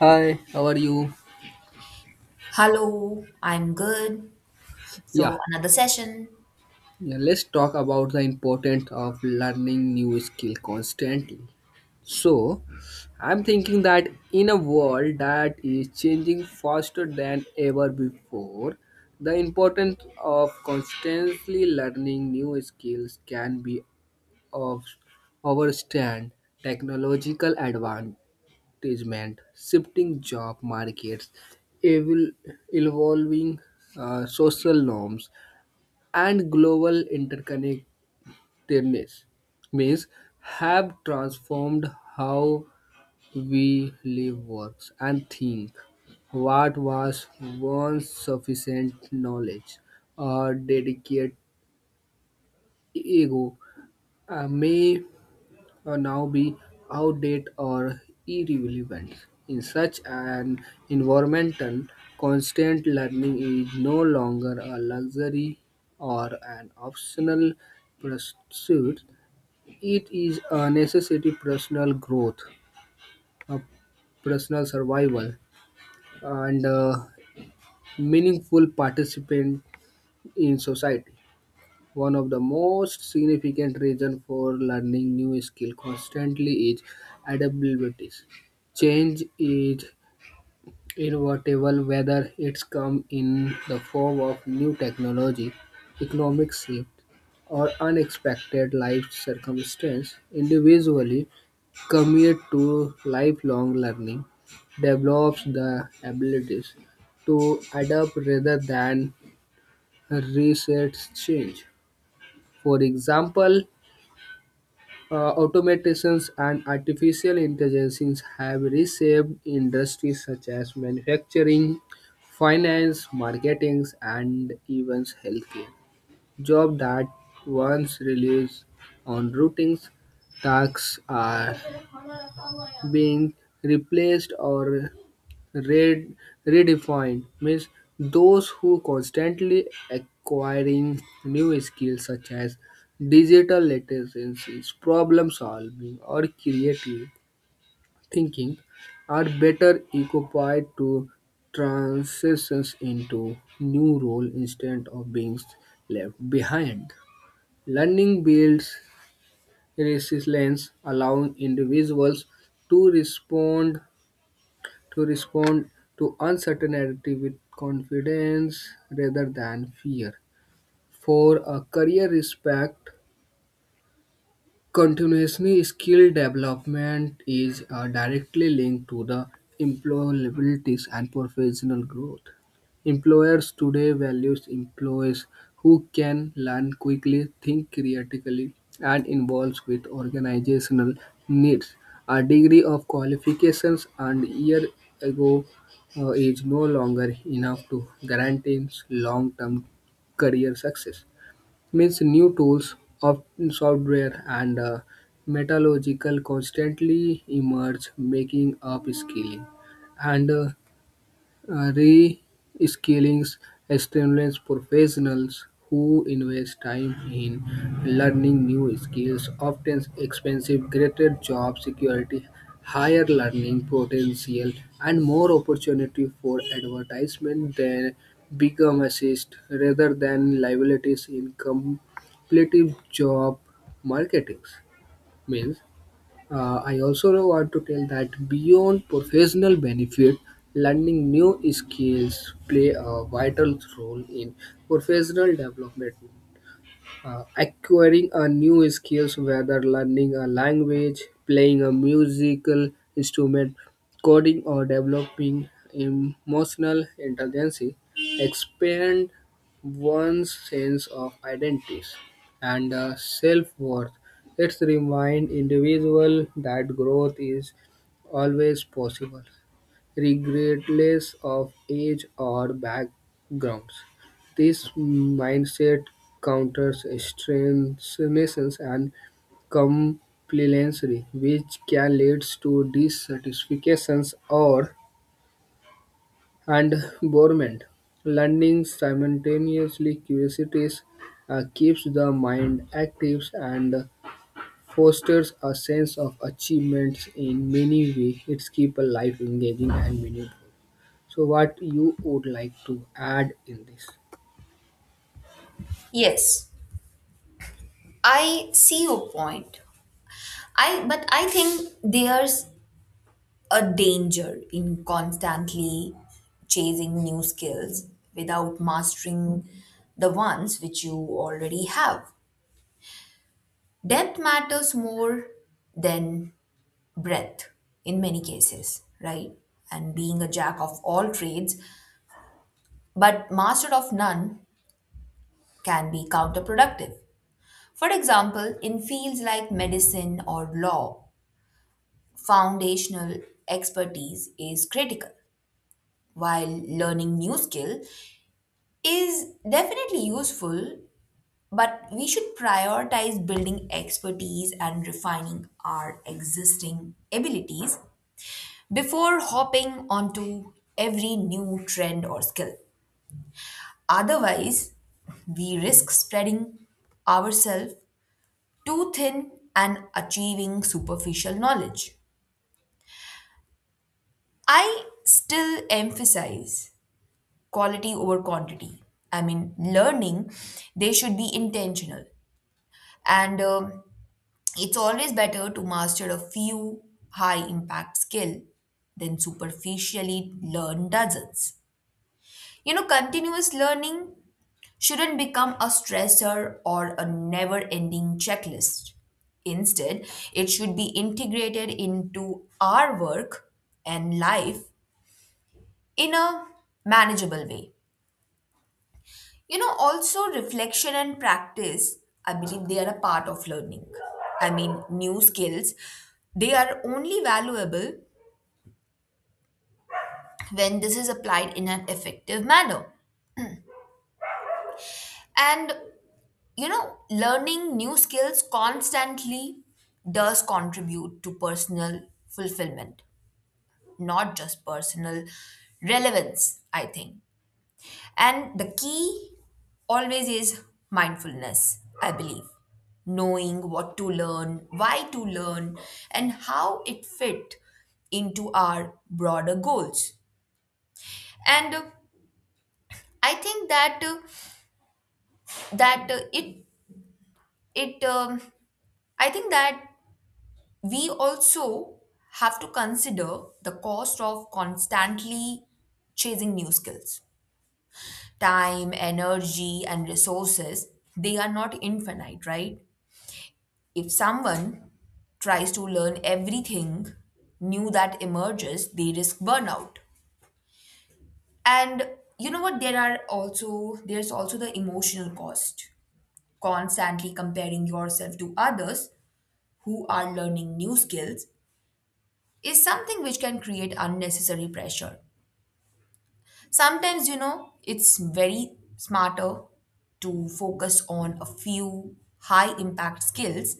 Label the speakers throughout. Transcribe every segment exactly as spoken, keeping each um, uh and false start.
Speaker 1: Hi, how are you?
Speaker 2: Hello, I'm good. So
Speaker 1: Yeah,
Speaker 2: another session.
Speaker 1: yeah, let's talk about the importance of learning new skill constantly. So, I'm thinking that in a world that is changing faster than ever before, the importance of constantly learning new skills can be of overstand technological advancement, shifting job markets, evol- evolving uh, social norms, and global interconnectedness means have transformed how we live works and think what was once sufficient knowledge or dedicated ego uh, may uh, now be outdated or irrelevant. In such an environment, constant learning is no longer a luxury or an optional pursuit. It is a necessary personal growth, a personal survival, and a meaningful participant in society. One of the most significant reasons for learning new skill constantly is adaptability. Change is inevitable whether it's come in the form of new technology, economic shift, or unexpected life circumstance. Individually commit to lifelong learning develops the abilities to adapt rather than resist change. For example, Uh, automations and artificial intelligence have reshaped industries such as manufacturing, finance, marketing, and even healthcare. Jobs that once relied on routines tasks are being replaced or Red, redefined means those who constantly acquiring new skills such as digital literacy, problem solving, or creative thinking are better equipped to transition into new role instead of being left behind. Learning builds resilience, allowing individuals to respond to respond to uncertainty with confidence rather than fear. For a career respect continuously, skill development is uh, directly linked to the employability and professional growth. Employers today values employees who can learn quickly, think critically, and involves with organizational needs. A degree of qualifications and year ago uh, is no longer enough to guarantee long-term career success means new tools of software and uh, metallurgical constantly emerge making upskilling and uh, uh, reskilling stimulates professionals who invest time in learning new skills, often expensive, greater job security, higher learning potential, and more opportunity for advertisement than become assist rather than liabilities in competitive job marketings. Means uh, I also want to tell that beyond professional benefit, learning new skills play a vital role in professional development uh, acquiring a new skills whether learning a language playing a musical instrument coding or developing emotional intelligence expand one's sense of identity and uh, self-worth it's remind individual that growth is always possible regardless of age or backgrounds. This mindset counters extremism and complacency, which can lead to dissatisfactions or and boredom. Learning simultaneously curiosities uh, keeps the mind active and fosters a sense of achievements in many ways. It keeps a life engaging and meaningful. So what you would like to add in this?
Speaker 2: Yes, I see your point. I But I think there's a danger in constantly chasing new skills without mastering the ones which you already have. Depth matters more than breadth in many cases, right? And being a jack of all trades but master of none can be counterproductive. For example, in fields like medicine or law, foundational expertise is critical, while learning new skill is definitely useful, but we should prioritize building expertise and refining our existing abilities before hopping onto every new trend or skill. Otherwise, we risk spreading ourselves too thin and achieving superficial knowledge. I still emphasize quality over quantity. I mean, learning, they should be intentional. And um, It's always better to master a few high impact skill than superficially learn dozens. You know, continuous learning shouldn't become a stressor or a never ending checklist. Instead, it should be integrated into our work and life in a manageable way. You know, also reflection and practice, I believe they are a part of learning. I mean, new skills, they are only valuable when this is applied in an effective manner. And, you know, learning new skills constantly does contribute to personal fulfillment, not just personal relevance, I think. And the key always is mindfulness, I believe. Knowing what to learn, why to learn, and how it fit into our broader goals. And uh, I think that uh, that uh, it it um, I think that we also have to consider the cost of constantly chasing new skills. Time, energy, and resources, they are not infinite, right? If someone tries to learn everything new that emerges, they risk burnout. And you know what? There are also there's also the emotional cost. Constantly comparing yourself to others who are learning new skills is something which can create unnecessary pressure. Sometimes, you know, it's very smarter to focus on a few high impact skills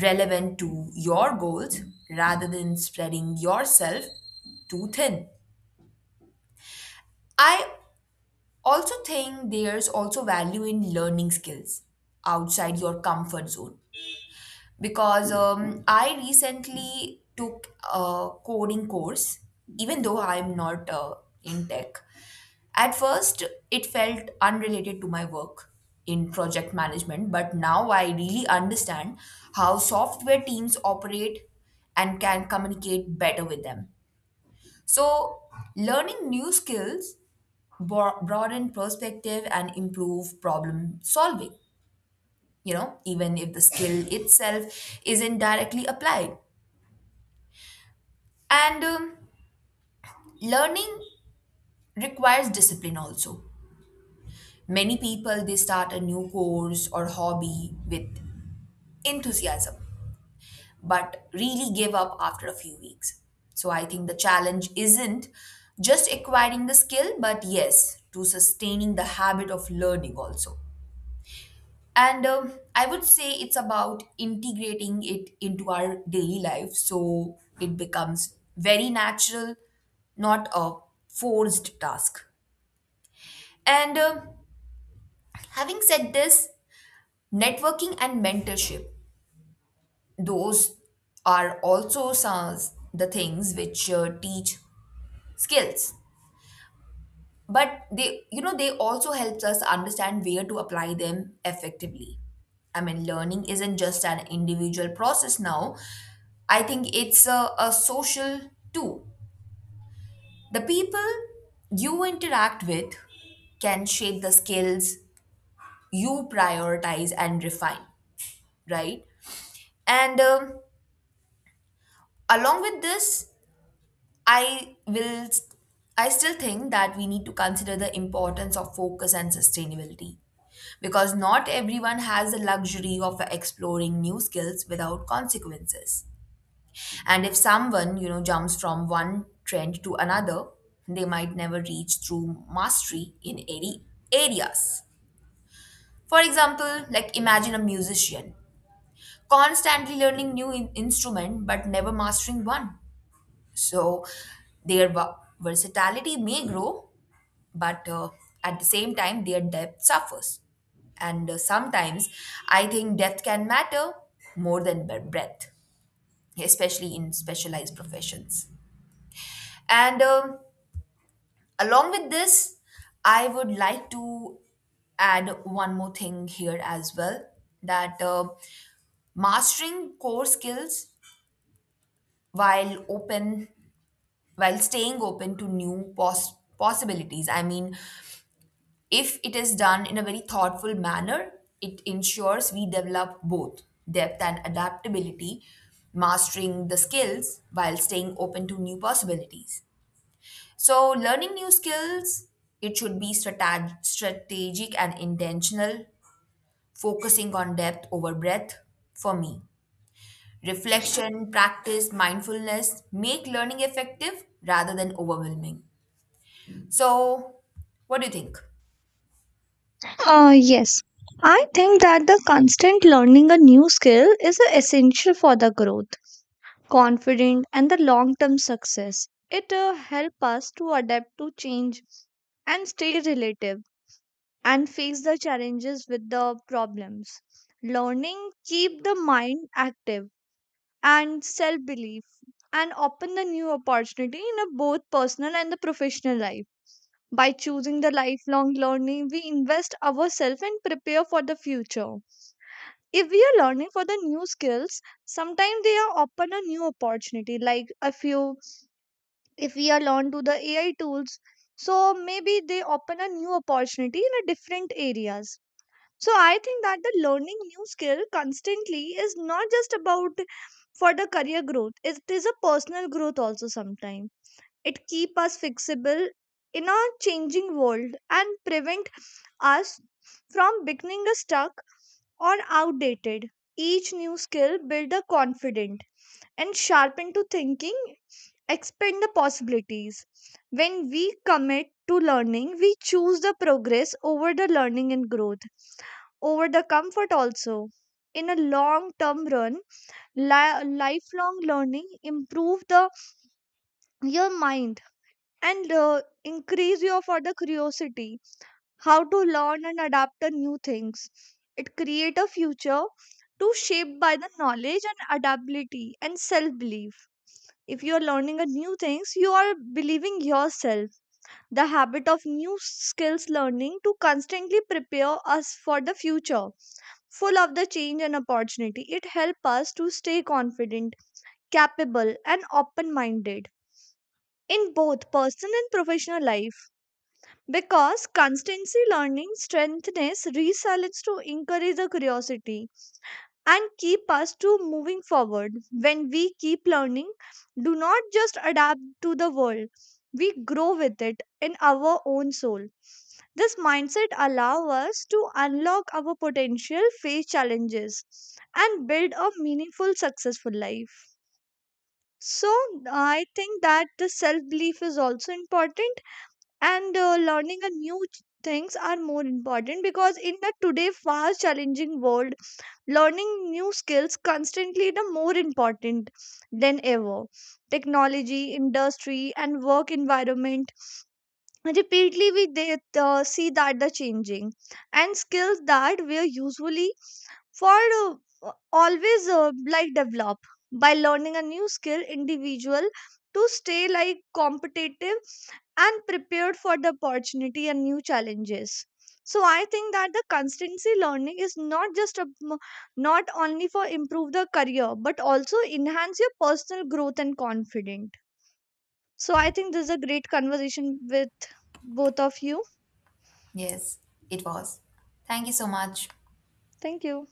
Speaker 2: relevant to your goals rather than spreading yourself too thin. I also think there's also value in learning skills outside your comfort zone because um, I recently took a coding course, even though I'm not uh, in tech. At first, it felt unrelated to my work in project management, but now I really understand how software teams operate and can communicate better with them. So, learning new skills bro- broaden perspective and improve problem solving, you know, even if the skill itself isn't directly applied. And um, Learning requires discipline also. Many people they start a new course or hobby with enthusiasm but really give up after a few weeks. So I think the challenge isn't just acquiring the skill but yes to sustaining the habit of learning also. And um, I would say it's about integrating it into our daily life so it becomes very natural, not a forced task. And uh, Having said this, networking and mentorship, those are also some the things which uh, teach skills, but they, you know, they also helps us understand where to apply them effectively. I mean, learning isn't just an individual process now. I think it's a, a social too. The people you interact with can shape the skills you prioritize and refine, right? And um, Along with this, I will I still think that we need to consider the importance of focus and sustainability because not everyone has the luxury of exploring new skills without consequences. And if someone, you know, jumps from one trend to another, they might never reach true mastery in any areas. For example, like imagine a musician constantly learning new in- instrument but never mastering one. So their va- versatility may grow, but uh, at the same time, their depth suffers. And uh, Sometimes I think depth can matter more than bre- breadth, especially in specialized professions. And um, Along with this, I would like to add one more thing here as well that uh, mastering core skills while open while staying open to new pos- possibilities. I mean, if it is done in a very thoughtful manner, it ensures we develop both depth and adaptability, mastering the skills while staying open to new possibilities. So, learning new skills, it should be strateg- strategic and intentional, focusing on depth over breadth for me. Reflection, practice, mindfulness make learning effective rather than overwhelming. So, what do you think?
Speaker 3: Uh, yes, I think that the constant learning a new skill is uh, essential for the growth, confidence, and the long term success. It uh, helps us to adapt to change and stay relative and face the challenges with the problems. Learning keep the mind active and self belief and open the new opportunity in a both personal and the professional life. By choosing the lifelong learning, we invest ourselves and prepare for the future. If we are learning for the new skills, sometimes they are open a new opportunity. Like a few, if we are learn to the A I tools, so maybe they open a new opportunity in a different areas. So I think that the learning new skill constantly is not just about for the career growth. It is a personal growth also sometimes. It keep us fixable in a changing world and prevent us from becoming stuck or outdated. Each new skill builds the confident and sharpen to thinking, expand the possibilities. When we commit to learning, we choose the progress over the learning and growth, over the comfort also. In a long term run, li- lifelong learning improve the your mind and uh, increase your for the curiosity how to learn and adapt to new things. It creates a future to shape by the knowledge and adaptability and self-belief. If you are learning a new things, you are believing yourself. The habit of new skills learning to constantly prepare us for the future, full of the change and opportunity. It helps us to stay confident, capable, and open-minded in both personal and professional life. Because constancy learning strengthens resilience to encourage the curiosity and keep us to moving forward. When we keep learning, do not just adapt to the world, we grow with it in our own soul. This mindset allows us to unlock our potential, face challenges, and build a meaningful, successful life. So, I think that the self belief is also important and uh, learning a new ch- things are more important because in the today fast challenging world learning new skills constantly the more important than ever technology industry and work environment repeatedly we they, uh, see that the changing and skills that were usually for uh, uh, always uh, like develop by learning a new skill individual to stay like competitive and prepared for the opportunity and new challenges. So I think that the constancy learning is not just a, not only for improve the career but also enhance your personal growth and confident. So I think this is a great conversation with both of you.
Speaker 2: Yes, it was. Thank you so much.
Speaker 3: Thank you.